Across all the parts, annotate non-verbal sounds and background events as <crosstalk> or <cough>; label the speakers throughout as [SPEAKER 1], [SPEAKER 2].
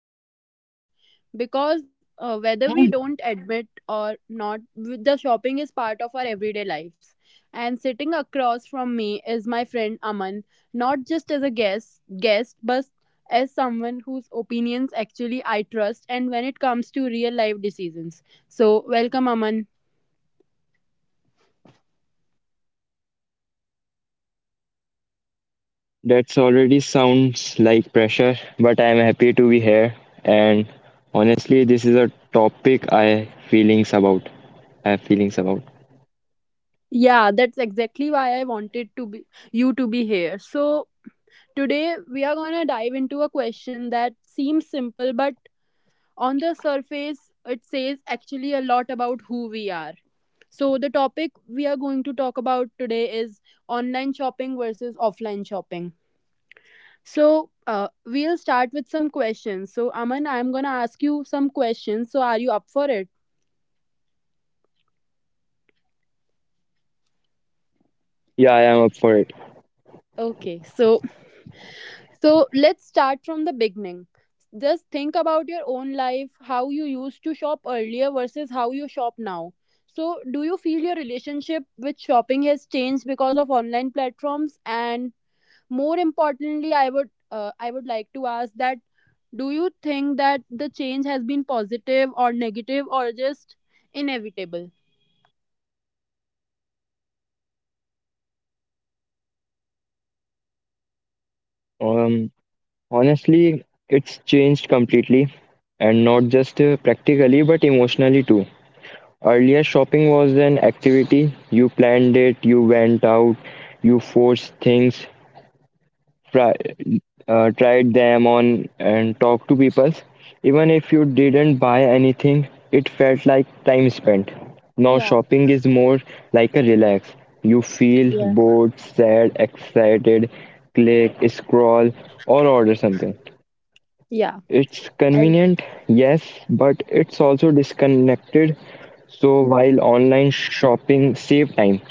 [SPEAKER 1] All can relate to. Because whether we
[SPEAKER 2] That's
[SPEAKER 1] don't admit or not, the shopping is part of our everyday lives. And sitting across from me is my friend Aman, not just as a guest, but as someone whose opinions actually I trust and when it comes to real life decisions. So, welcome Aman.
[SPEAKER 2] already sounds like pressure, but I'm happy to be here. And honestly, this is a topic I feelings about. I have feelings about.
[SPEAKER 1] Yeah, that's exactly why I wanted to be you to be here. So today we are going to dive into a question that seems simple but on the surface it says actually a lot about who we are. So the topic we are going to talk about today is online shopping versus offline shopping. So we'll start with some questions. So Aman, I'm going to ask you some questions. So are you up for it?
[SPEAKER 2] Yeah, I am up for it.
[SPEAKER 1] Okay. So let's start from the beginning. Just think about your own life, how you used to shop earlier versus how you shop now. So, do you feel your relationship with shopping has changed because of online platforms? And more importantly, I would like to ask that do you think that the change has been positive or negative or just inevitable?
[SPEAKER 2] Um, Honestly, it's changed completely, and not just practically, but emotionally too. Earlier, shopping was an activity. You planned it, you went out, you forced things, try tried them on and talked to people even if you didn't buy anything, it felt like time spent. Now
[SPEAKER 1] Yeah.
[SPEAKER 2] shopping is more like a relax. You feel
[SPEAKER 1] Yeah.
[SPEAKER 2] bored, sad, excited, click, scroll, or order something.
[SPEAKER 1] Yeah.
[SPEAKER 2] It's
[SPEAKER 1] I-
[SPEAKER 2] convenient, yes, but it's also disconnected. So while online shopping saved time,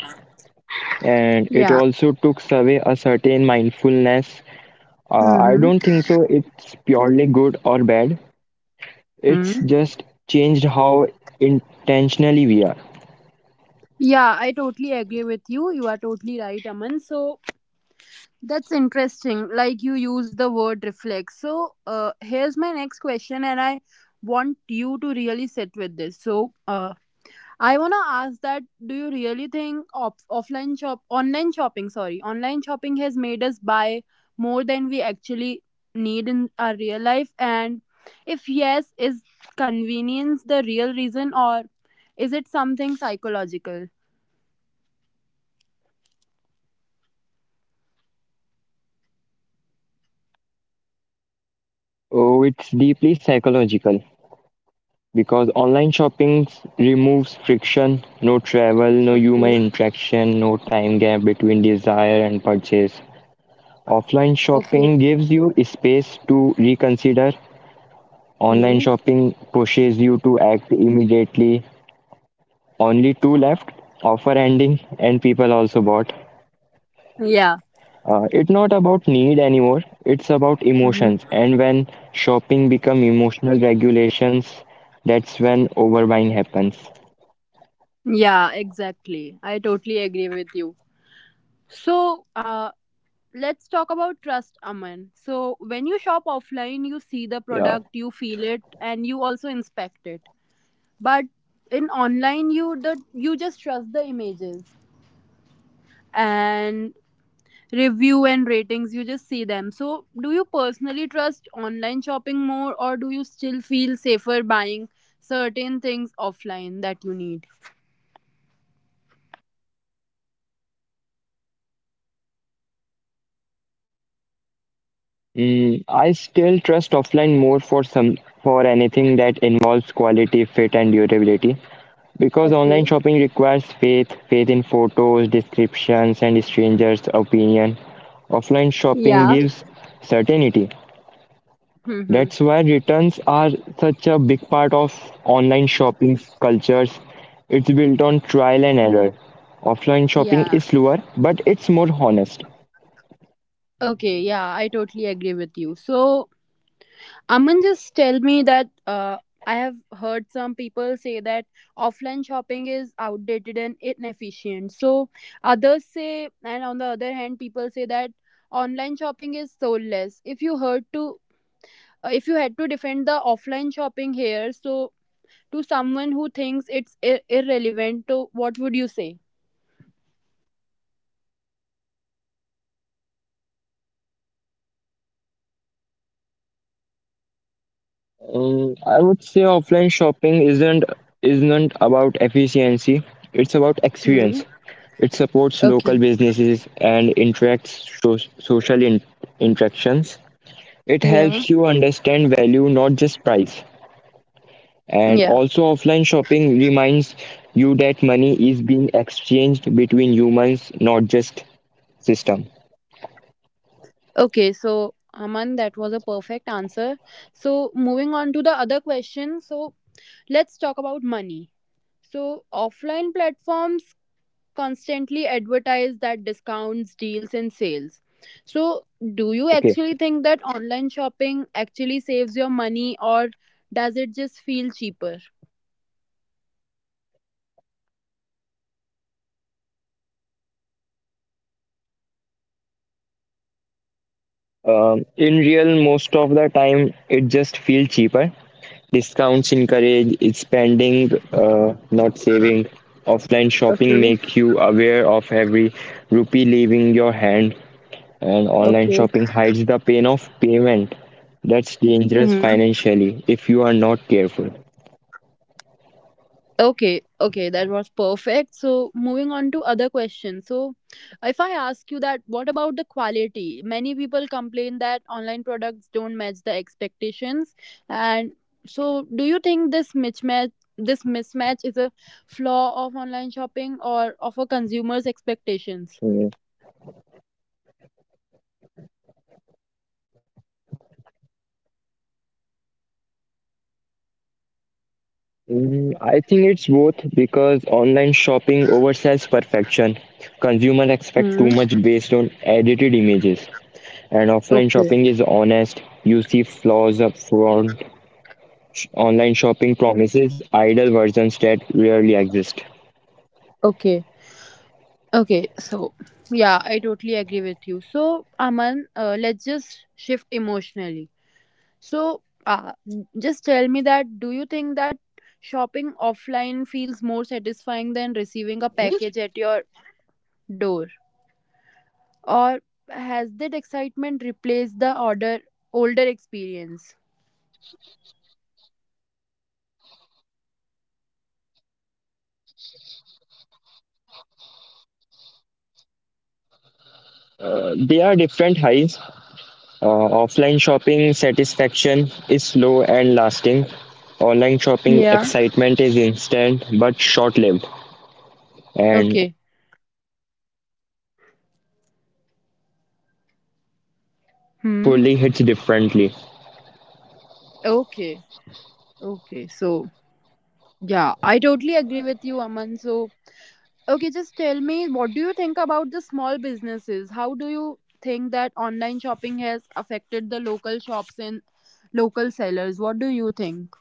[SPEAKER 2] and it
[SPEAKER 1] yeah.
[SPEAKER 2] also took away a certain mindfulness. I
[SPEAKER 1] Mm-hmm.
[SPEAKER 2] don't think so. It's purely good or bad. It's
[SPEAKER 1] Hmm.
[SPEAKER 2] just changed how intentionally we are.
[SPEAKER 1] Yeah, I totally agree with you. You are totally right, Aman. So that's interesting. Like you use the word reflect. So here's my next question, and I want you to really sit with this. So I wanna ask that: do you really think off offline shop, online shopping, sorry, online shopping has made us buy more than we actually need in our real life? And if yes, is convenience the real reason, or is it something psychological?
[SPEAKER 2] Oh, it's deeply psychological because online shopping removes friction, no travel, no human interaction, no time gap between desire and purchase. Offline
[SPEAKER 1] Okay.
[SPEAKER 2] shopping gives you space to reconsider. Online
[SPEAKER 1] Hmm.
[SPEAKER 2] shopping pushes you to act immediately. Only two left, offer ending, and people also bought.
[SPEAKER 1] Yeah.
[SPEAKER 2] It's not about need anymore, it's about
[SPEAKER 1] Mhm.
[SPEAKER 2] emotions. And when shopping become emotional regulations, that's when overbuying happens.
[SPEAKER 1] Yeah, exactly. I totally agree with you. So, let's talk about trust, Aman. So, when you shop offline, you see the
[SPEAKER 2] Yeah.
[SPEAKER 1] product, you feel it, and you also inspect it. But in online, you just trust the images and review and ratings. You just see them. So, do you personally trust online shopping more, or do you still feel safer buying certain things offline that you need?
[SPEAKER 2] Mm, I still trust offline more for some, for anything that involves quality, fit, and durability. Because
[SPEAKER 1] Okay.
[SPEAKER 2] online shopping requires faith, faith in photos, descriptions, and strangers' opinion. Offline shopping
[SPEAKER 1] Yeah.
[SPEAKER 2] gives certainty.
[SPEAKER 1] Hmm.
[SPEAKER 2] That's why returns are such a big part of online shopping cultures. It's built on trial and error. Offline shopping
[SPEAKER 1] Yeah.
[SPEAKER 2] is slower, but it's more honest.
[SPEAKER 1] Okay. Yeah, I totally agree with you. So, Aman, just tell me that I have heard some people say that offline shopping is outdated and inefficient. So, others say, and on the other hand, people say that online shopping is soulless. If you had to defend the offline shopping here, so to someone who thinks it's irrelevant, to what would you say?
[SPEAKER 2] I would say offline shopping isn't about efficiency. It's about experience.
[SPEAKER 1] Hmm.
[SPEAKER 2] It supports local
[SPEAKER 1] Okay.
[SPEAKER 2] businesses and interacts social interactions. It helps
[SPEAKER 1] Yeah.
[SPEAKER 2] you understand value, not just price. And
[SPEAKER 1] Yeah.
[SPEAKER 2] also, offline shopping reminds you that money is being exchanged between humans, not just system.
[SPEAKER 1] Okay, so Aman, that was a perfect answer. So moving on to the other question. So let's talk about money. So offline platforms constantly advertise that discounts, deals, and sales. So do you
[SPEAKER 2] Okay.
[SPEAKER 1] actually think that online shopping actually saves your money or does it just feel cheaper?
[SPEAKER 2] In real, most of the time, it just feels cheaper. Discounts encourage spending, not saving. Offline shopping
[SPEAKER 1] Okay,
[SPEAKER 2] make you aware of every rupee leaving your hand, and online
[SPEAKER 1] okay.
[SPEAKER 2] shopping hides the pain of payment. That's dangerous financially if you are not careful.
[SPEAKER 1] Okay, okay, that was perfect. So, moving on to other questions. So, if I ask you that, what about the quality? Many people complain that online products don't match the expectations. And so, do you think this mismatch is a flaw of online shopping or of a consumer's expectations?
[SPEAKER 2] Hmm. Mm, I think it's both because online shopping oversells perfection. Consumers
[SPEAKER 1] Hmm.
[SPEAKER 2] expect too much based on edited images. And offline
[SPEAKER 1] Okay.
[SPEAKER 2] shopping is honest. You see flaws up front. Online shopping promises idle versions that rarely exist.
[SPEAKER 1] Okay. Okay. So, yeah, I totally agree with you. So, Aman, let's just shift emotionally. So, just tell me that do you think that shopping offline feels more satisfying than receiving a package at your door? Or has that excitement replaced the order older experience?
[SPEAKER 2] They are different highs. Offline shopping satisfaction is slow and lasting. Online shopping
[SPEAKER 1] Yeah.
[SPEAKER 2] excitement is instant but short lived. And
[SPEAKER 1] Okay. Hmm.
[SPEAKER 2] carefully hits differently.
[SPEAKER 1] Okay. Okay. So, yeah, I totally agree with you, Aman. So, okay, just tell me what do you think about the small businesses? How do you think that online shopping has affected the local shops and local sellers? What do you think?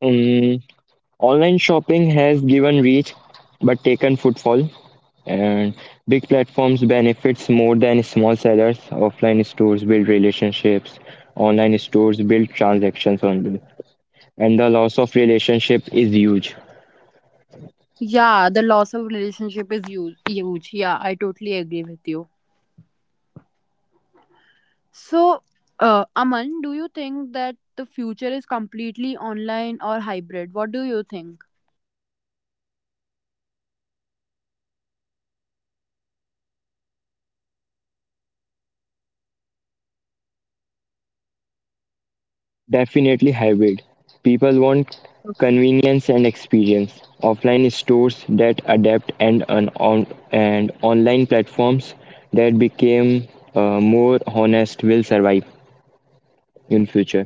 [SPEAKER 2] Mm. Online shopping has given reach but taken footfall, and big platforms benefits more than small sellers. Offline stores build relationships, online stores build transactions only, and the loss of relationship is huge.
[SPEAKER 1] Yeah, the loss of relationship is huge. Yeah, I totally agree with you. So, Aman, do you think that the future is completely online or hybrid? What do you think?
[SPEAKER 2] Definitely hybrid. People want convenience and experience. Offline stores that adapt and an on and online platforms that became more honest will survive in future.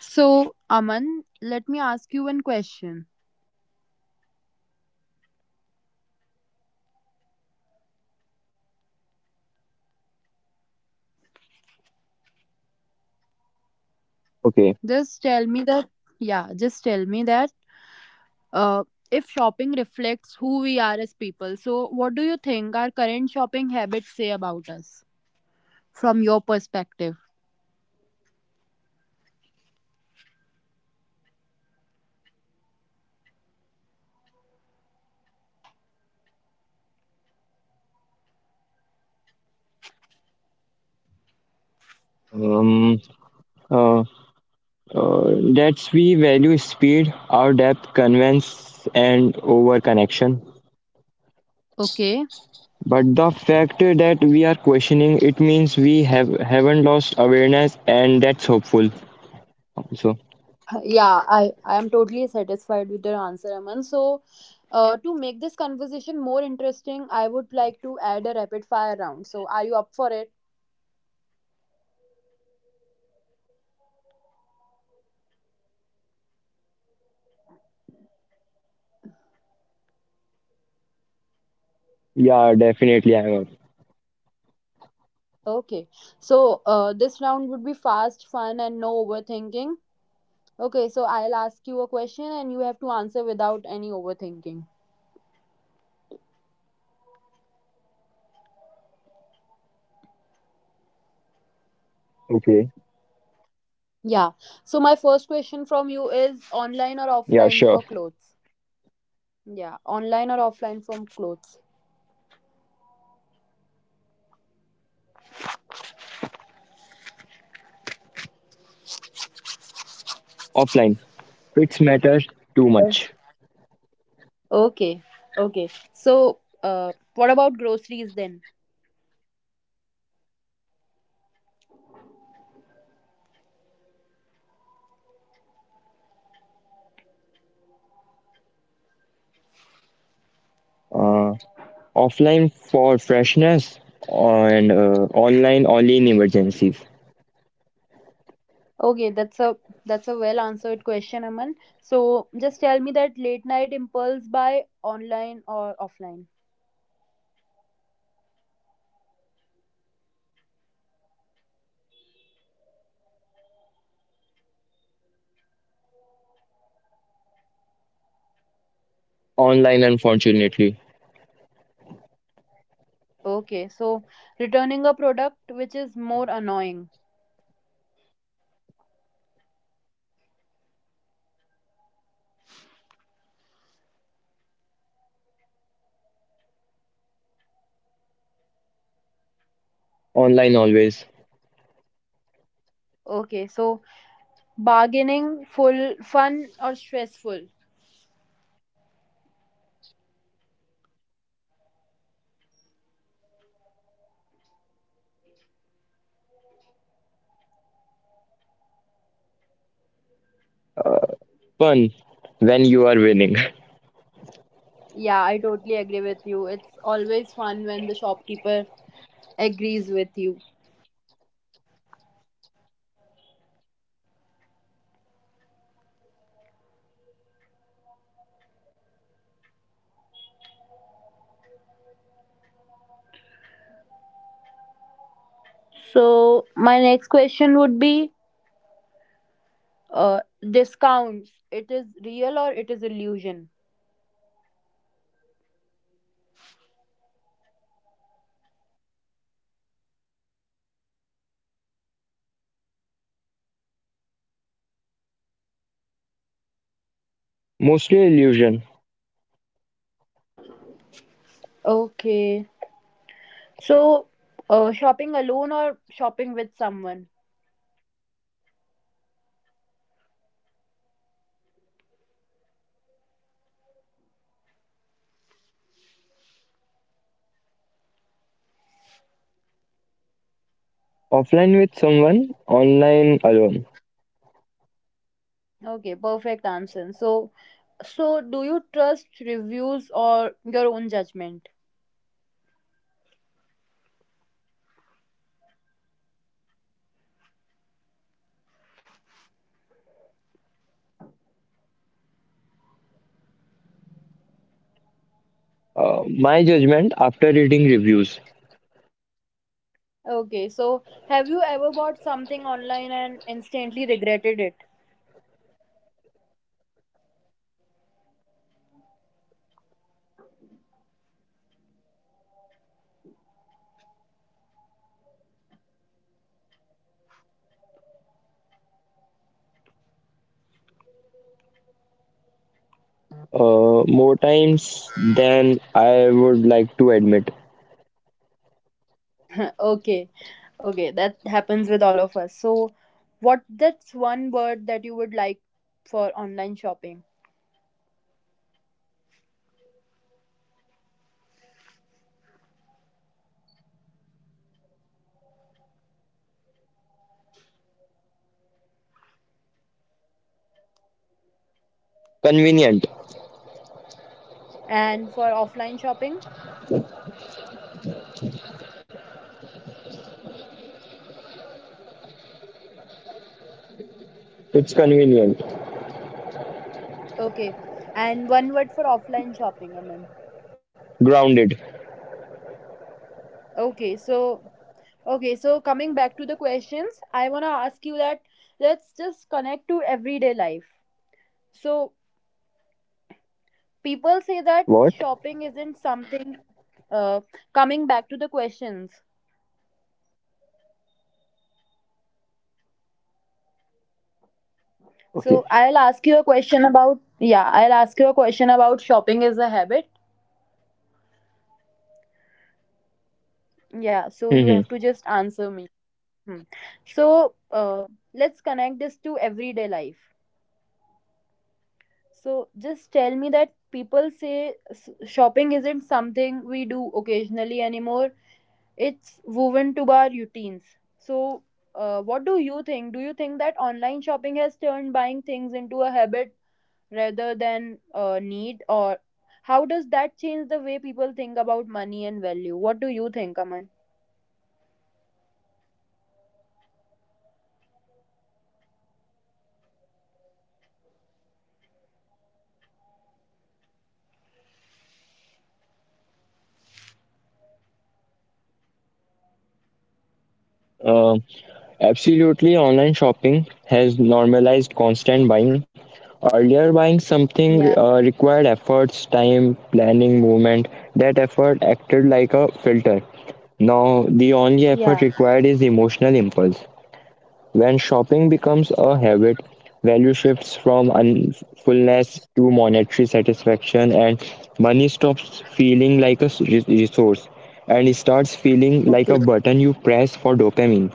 [SPEAKER 1] So, Aman, let me ask you one question.
[SPEAKER 2] Okay.
[SPEAKER 1] Just tell me that, yeah, just tell me that uh, if shopping reflects who we are as people. So, what do you think our current shopping habits say about us from your perspective?
[SPEAKER 2] Um, uh, that's we value speed, our depth, convenience, and over connection.
[SPEAKER 1] Okay.
[SPEAKER 2] But the fact that we are questioning it means we have haven't lost awareness, and that's hopeful. So
[SPEAKER 1] Yeah, I am totally satisfied with your answer, Aman. So, to make this conversation more interesting, I would like to add a rapid fire round. So, are you up for it?
[SPEAKER 2] yeah, definitely I'm up.
[SPEAKER 1] Okay. So, this round would be fast, fun, and no overthinking. Okay, so I'll ask you a question and you have to answer without any overthinking.
[SPEAKER 2] Okay,
[SPEAKER 1] Yeah. So my first question from you is online or
[SPEAKER 2] yeah,
[SPEAKER 1] offline
[SPEAKER 2] sure.
[SPEAKER 1] for clothes? Yeah, online or offline from clothes.
[SPEAKER 2] Offline, it's matters too much.
[SPEAKER 1] Okay. Okay. So what about groceries then?
[SPEAKER 2] Uh, Offline for freshness, and online only in emergencies.
[SPEAKER 1] Okay, that's a well answered question, Aman. So just tell me that late night impulse buy online or offline.
[SPEAKER 2] Online, unfortunately,
[SPEAKER 1] Okay, so returning a product which is more annoying.
[SPEAKER 2] online always.
[SPEAKER 1] Okay, so bargaining full fun or stressful?
[SPEAKER 2] Fun when you are winning.
[SPEAKER 1] Yeah, I totally agree with you. It's always fun when the shopkeeper agrees with you. So, my next question would be uh, discounts. It is real or it is illusion?
[SPEAKER 2] Mostly illusion.
[SPEAKER 1] Okay. So, shopping alone or shopping with someone?
[SPEAKER 2] Offline with someone, online alone.
[SPEAKER 1] Okay, perfect answer. So, so do you trust reviews or your own judgment?
[SPEAKER 2] My judgment after reading reviews.
[SPEAKER 1] Okay, so have you ever bought something online and instantly regretted it?
[SPEAKER 2] More times than I would like to admit.
[SPEAKER 1] Okay, okay, that happens with all of us. So, what that's one word that you would like for online shopping
[SPEAKER 2] Convenient.
[SPEAKER 1] and for offline shopping?
[SPEAKER 2] It's convenient.
[SPEAKER 1] Okay, and one word for offline shopping, Aman.
[SPEAKER 2] Grounded.
[SPEAKER 1] Okay, so okay, so coming back to the questions, I wanna ask you that let's just connect to everyday life. So people say that
[SPEAKER 2] What?
[SPEAKER 1] shopping isn't something. Uh, coming back to the questions, so
[SPEAKER 2] Okay.
[SPEAKER 1] I'll ask you a question about I'll ask you a question about shopping as a habit. Yeah, so you have to
[SPEAKER 2] Hmm.
[SPEAKER 1] just answer me. Hmm. So let's connect this to everyday life. So just tell me that people say shopping isn't something we do occasionally anymore. It's woven to our routines. So what do you think? Do you think that online shopping has turned buying things into a habit rather than need or how does that change the way people think about money and value, what do you think, Aman?
[SPEAKER 2] Uh, Absolutely, online shopping has normalized constant buying. Earlier, buying something
[SPEAKER 1] Yeah.
[SPEAKER 2] required efforts, time, planning, movement. That effort acted like a filter. Now, the only effort
[SPEAKER 1] Yeah.
[SPEAKER 2] required is emotional impulse. When shopping becomes a habit, value shifts from fullness to monetary satisfaction, and money stops feeling like a resource, and it starts feeling like a
[SPEAKER 1] Okay,
[SPEAKER 2] button you press for dopamine.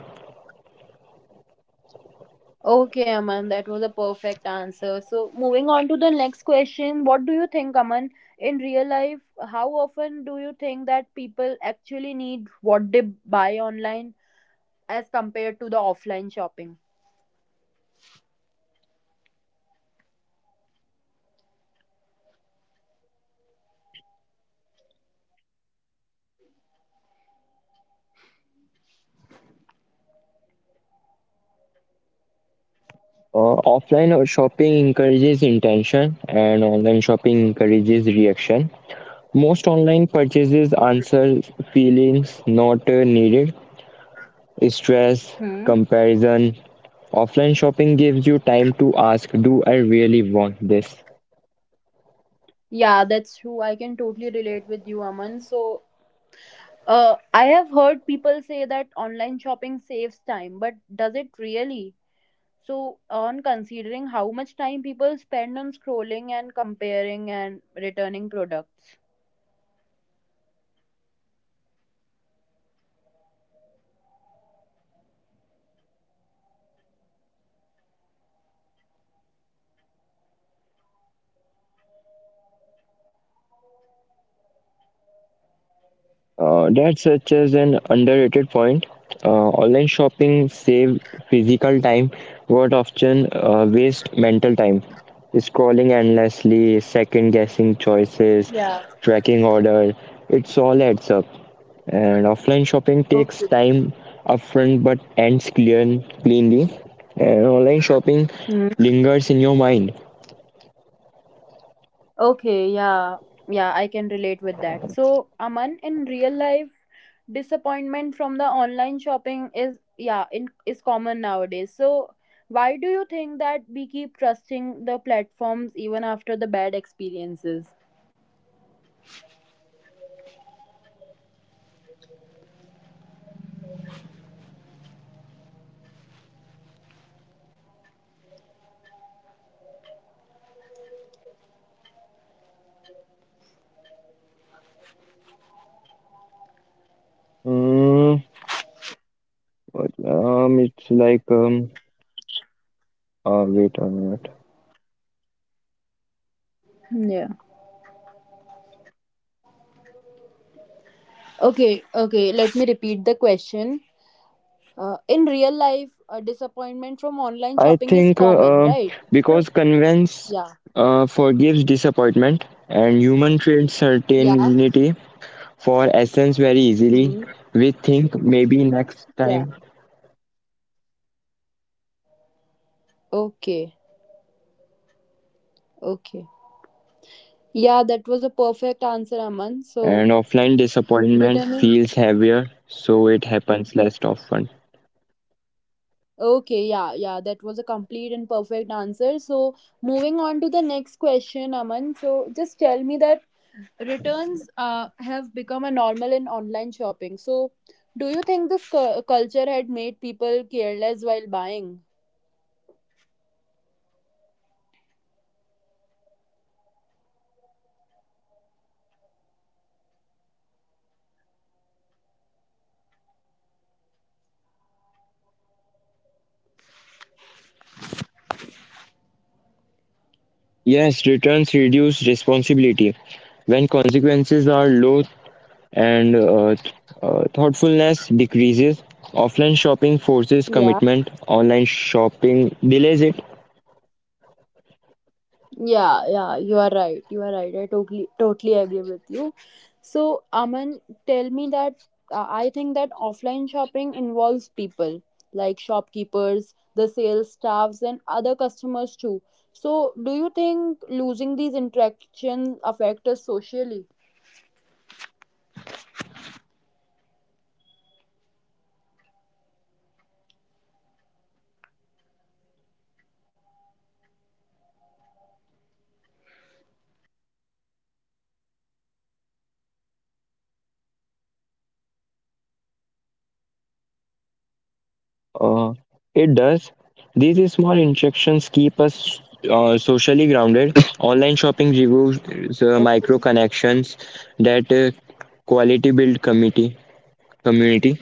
[SPEAKER 1] okay, Aman, that was a perfect answer. So moving on to the next question, what do you think, Aman, in real life how often do you think that people actually need what they buy online as compared to the offline shopping?
[SPEAKER 2] Offline shopping encourages intention, and online shopping encourages reaction. Most online
[SPEAKER 1] Okay.
[SPEAKER 2] purchases answer feelings, not needed, stress,
[SPEAKER 1] Hmm.
[SPEAKER 2] comparison. Offline shopping gives you time to ask, "Do I really want this?"
[SPEAKER 1] Yeah, that's true, I can totally relate with you, Aman. So uh, I have heard people say that online shopping saves time, but does it really? So, on considering how much time people spend on scrolling and comparing and returning products.
[SPEAKER 2] That's such as an underrated point. Online shopping save physical time, but often waste mental time. Scrolling endlessly, second guessing choices,
[SPEAKER 1] Yeah.
[SPEAKER 2] tracking order, it's all adds up. And offline shopping takes
[SPEAKER 1] Okay.
[SPEAKER 2] time upfront but ends cleanly. And online shopping
[SPEAKER 1] Hmm.
[SPEAKER 2] lingers in your mind.
[SPEAKER 1] Okay, yeah. Yeah, I can relate with that. So, Aman, in real life, disappointment from the online shopping is is common nowadays. So, why do you think that we keep trusting the platforms even after the bad experiences?
[SPEAKER 2] Mm, it's like wait a minute.
[SPEAKER 1] Yeah. Okay, okay, let me repeat the question. In real life, a disappointment from online
[SPEAKER 2] I
[SPEAKER 1] shopping is
[SPEAKER 2] think
[SPEAKER 1] common, right?
[SPEAKER 2] because convenience
[SPEAKER 1] Yeah,
[SPEAKER 2] forgives disappointment, and human trade
[SPEAKER 1] yeah,
[SPEAKER 2] certainty for essence very easily.
[SPEAKER 1] hmm,
[SPEAKER 2] We think maybe next
[SPEAKER 1] yeah.
[SPEAKER 2] time,
[SPEAKER 1] Okay, okay. Yeah, that was a perfect answer, Aman.
[SPEAKER 2] and
[SPEAKER 1] So,
[SPEAKER 2] offline disappointment
[SPEAKER 1] returning.
[SPEAKER 2] feels heavier, so it happens less often.
[SPEAKER 1] Okay, yeah, yeah, that was a complete and perfect answer. So, moving on to the next question, Aman. So, just tell me that returns have become a normal in online shopping. So, do you think this culture had made people careless while buying?
[SPEAKER 2] Yes, returns reduce responsibility. When consequences are low and thoughtfulness decreases, offline shopping forces
[SPEAKER 1] Yeah,
[SPEAKER 2] commitment, online shopping delays it.
[SPEAKER 1] yeah, yeah. You are right. You are right. I totally, totally agree with you. So, Aman, tell me that I think that offline shopping involves people like shopkeepers, the sales staffs, and other customers too. So, do you think losing these interactions affect us socially?
[SPEAKER 2] Uh, it does. These small interactions keep us socially grounded. Online shopping reviews, micro connections, that quality build community. Community.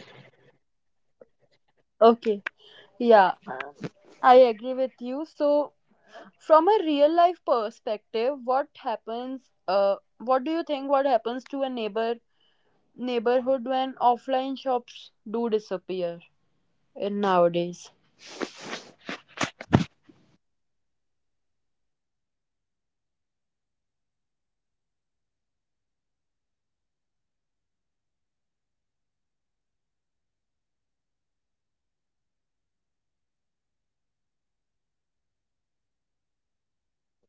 [SPEAKER 1] Okay. Yeah. I agree with you. So, from a real life perspective, what happens? What do you think? What happens to a neighborhood when offline shops do disappear in nowadays?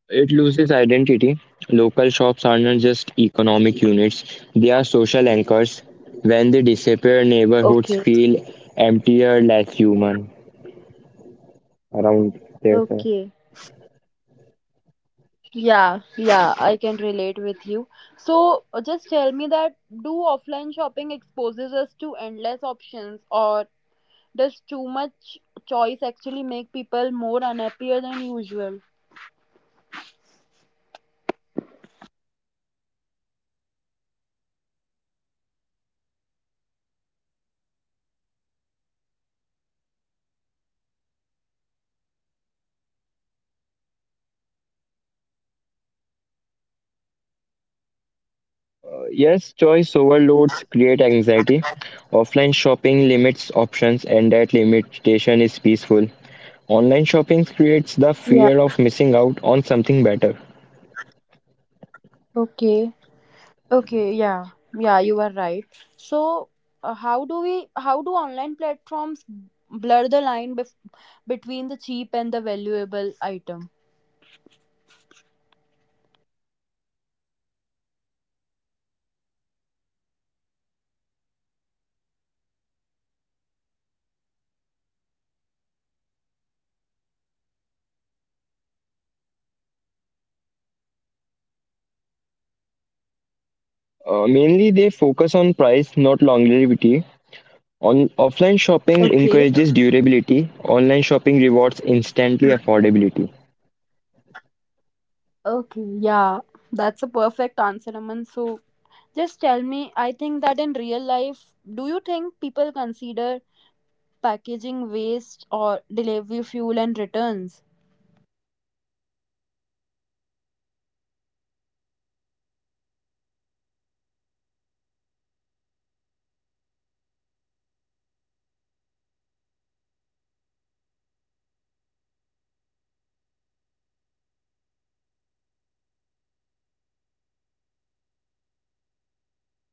[SPEAKER 2] It loses identity. Local shops are not just economic units; they are social anchors. When they disappear, neighborhoods
[SPEAKER 1] Okay.
[SPEAKER 2] feel emptier, less human around there.
[SPEAKER 1] Okay. Yeah, yeah, I can relate with you. So, just tell me that do offline shopping exposes us to endless options, or does too much choice actually make people more unhappier than usual?
[SPEAKER 2] Yes, choice overloads create anxiety. Offline shopping limits options, and that limitation is peaceful. Online shopping creates the
[SPEAKER 1] Yeah.
[SPEAKER 2] fear of missing out on something better.
[SPEAKER 1] Okay. Okay. Yeah. Yeah. You are right. So, how do we? How do online platforms blur the line between the cheap and the valuable item?
[SPEAKER 2] Mainly, they focus on price, not longevity. On offline
[SPEAKER 1] Okay.
[SPEAKER 2] shopping encourages durability. Online shopping rewards instantly affordability.
[SPEAKER 1] Okay. Yeah. That's a perfect answer, Aman. So, just tell me. I think that in real life, do you think people consider packaging waste or delivery fuel and returns?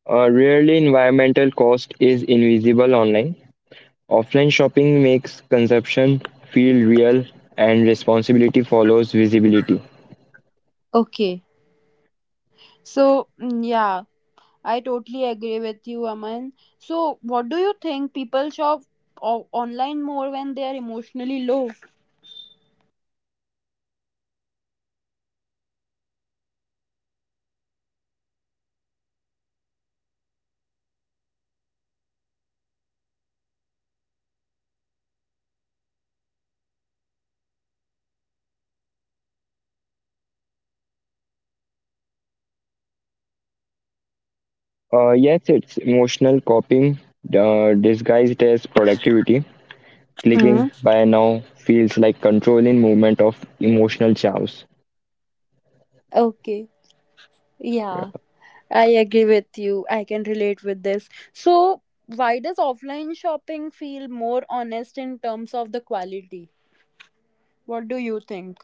[SPEAKER 2] Rarely, environmental cost is invisible online. Offline shopping makes consumption feel real, and responsibility follows visibility.
[SPEAKER 1] Okay. So, mm, yeah. I totally agree with you, Aman. So, what do you think? People shop online more when they are emotionally low.
[SPEAKER 2] Yes, it's emotional copying disguised as productivity.
[SPEAKER 1] Hmm.
[SPEAKER 2] Clicking by now feels like controlling movement of emotional chows.
[SPEAKER 1] Okay, yeah, I agree with you. I can relate with this. So, why does offline shopping feel more honest in terms of the quality? What do you think?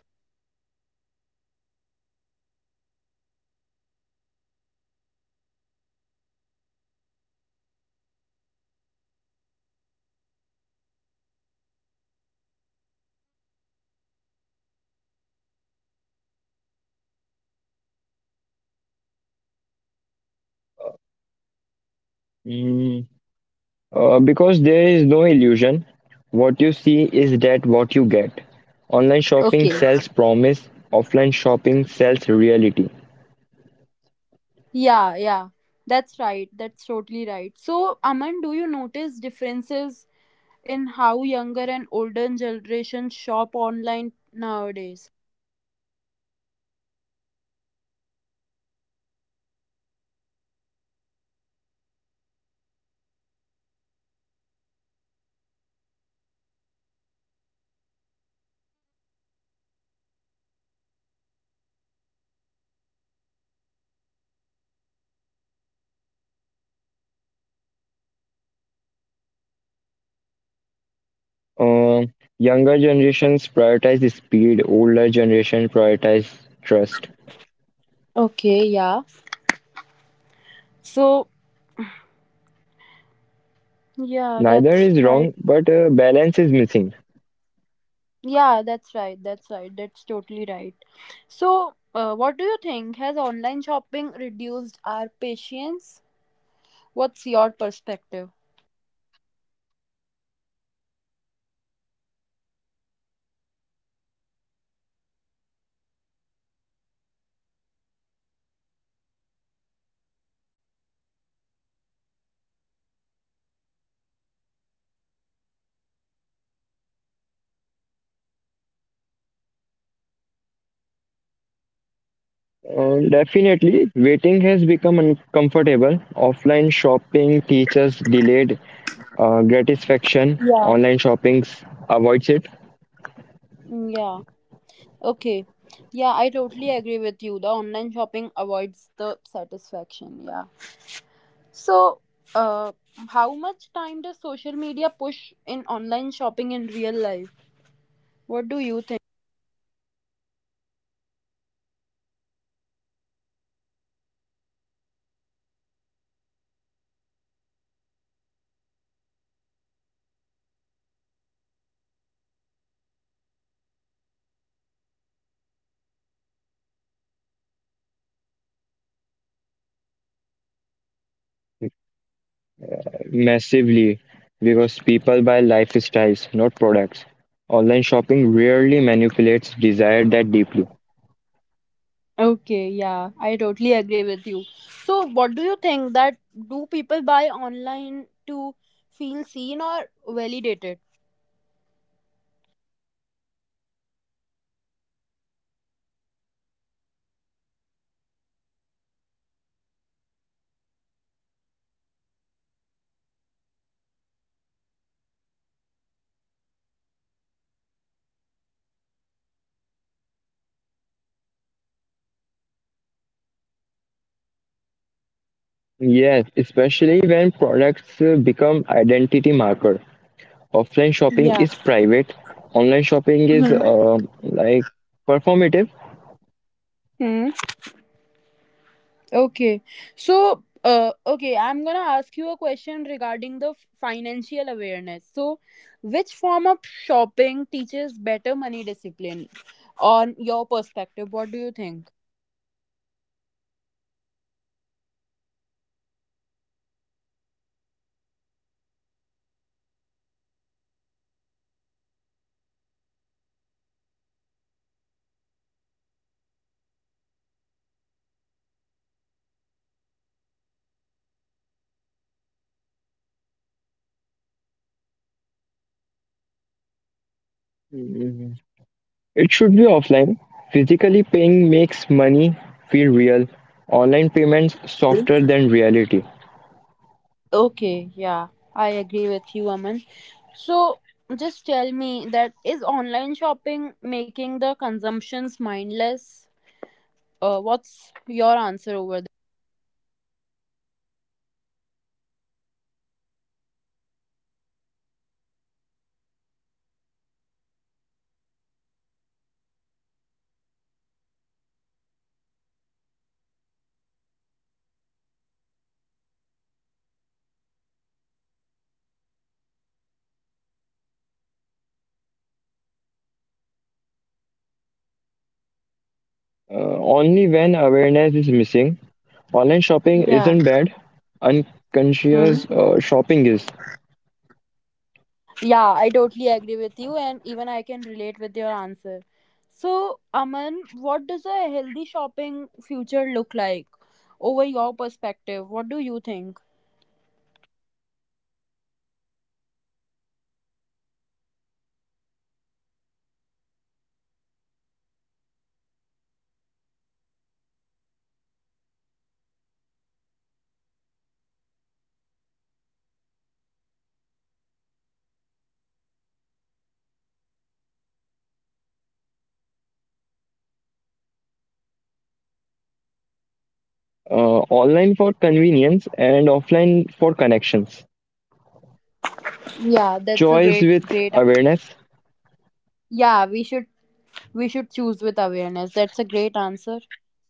[SPEAKER 2] Mm. Because there is no illusion. What you see is that what you get. Online shopping
[SPEAKER 1] Okay,
[SPEAKER 2] sells promise, offline shopping sells reality.
[SPEAKER 1] yeah, yeah, that's right. That's totally right. So, Aman, do you notice differences in how younger and older generations shop online nowadays?
[SPEAKER 2] Uh, Younger generations prioritize speed, older generations prioritize trust.
[SPEAKER 1] Okay, yeah. So, yeah,
[SPEAKER 2] Neither
[SPEAKER 1] that's
[SPEAKER 2] is
[SPEAKER 1] right.
[SPEAKER 2] wrong, but balance is missing.
[SPEAKER 1] Yeah, that's right. That's right. That's totally right. So, what do you think? Has online shopping reduced our patience? What's your perspective?
[SPEAKER 2] Definitely, waiting has become uncomfortable. Offline shopping teaches delayed gratification.
[SPEAKER 1] Yeah.
[SPEAKER 2] Online shopping avoids it
[SPEAKER 1] Yeah. Okay. Yeah, I totally agree with you. The online shopping avoids the satisfaction. Yeah. So, uh, how much time does social media push in online shopping in real life? What do you think?
[SPEAKER 2] massively because people buy lifestyles, not products. Online shopping rarely manipulates desire that deeply.
[SPEAKER 1] Okay, yeah, I totally agree with you. So, what do you think that do people buy online to feel seen or validated?
[SPEAKER 2] Yes, especially when products become identity marker. Offline shopping
[SPEAKER 1] Yeah.
[SPEAKER 2] is private. Online shopping is
[SPEAKER 1] Hmm.
[SPEAKER 2] like performative.
[SPEAKER 1] Hmm. Okay. So, okay, I'm gonna ask you a question regarding the financial awareness. So, which form of shopping teaches better money discipline on your perspective? What do you think?
[SPEAKER 2] It should be offline. Physically paying makes money feel real. Online payments
[SPEAKER 1] Okay.
[SPEAKER 2] softer than reality.
[SPEAKER 1] Okay, yeah, I agree with you, Aman. So, just tell me that is online shopping making the consumptions mindless? What's your answer over that?
[SPEAKER 2] Only when awareness is missing. Online shopping
[SPEAKER 1] Yeah.
[SPEAKER 2] isn't bad. Unconscious
[SPEAKER 1] Hmm.
[SPEAKER 2] shopping is.
[SPEAKER 1] Yeah, I totally agree with you, and even I can relate with your answer. So, Aman, what does a healthy shopping future look like over your perspective? What do you think?
[SPEAKER 2] Online for convenience and offline for connections.
[SPEAKER 1] Yeah, that's a
[SPEAKER 2] Choice
[SPEAKER 1] great,
[SPEAKER 2] with
[SPEAKER 1] great.
[SPEAKER 2] awareness.
[SPEAKER 1] Yeah, we should choose with awareness, that's a great answer.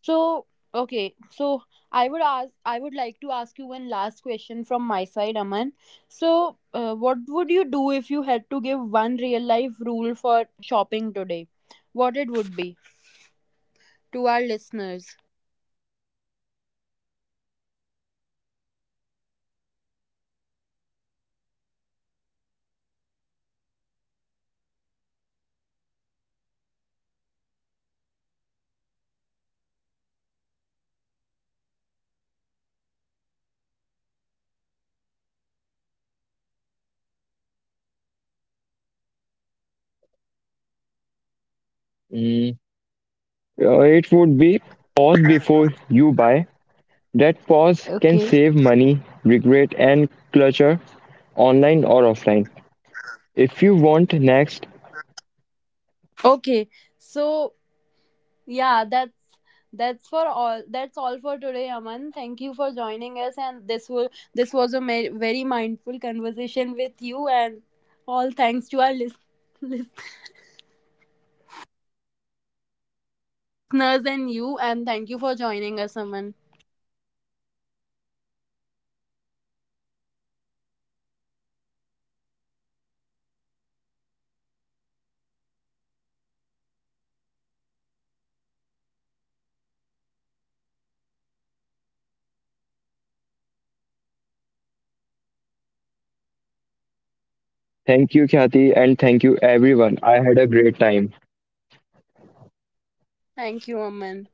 [SPEAKER 1] So okay, so I would ask, I would like to ask you one last question from my side, Aman. So what would you do if you had to give one real life rule for shopping today, what it would be to our listeners?
[SPEAKER 2] Mm, it would be pause before you buy. That pause can save
[SPEAKER 1] Okay,
[SPEAKER 2] money, regret, and clutter online or offline. If you want next,
[SPEAKER 1] okay, so yeah, that's for all. That's all for today, Aman. Thank you for joining us, and this was a very mindful conversation with you, and all thanks to our lis- <laughs> lis- listeners and you, and thank you for joining us, Aman.
[SPEAKER 2] thank you, Kathy, and thank you, everyone. I had a great time.
[SPEAKER 1] Thank you, Aman.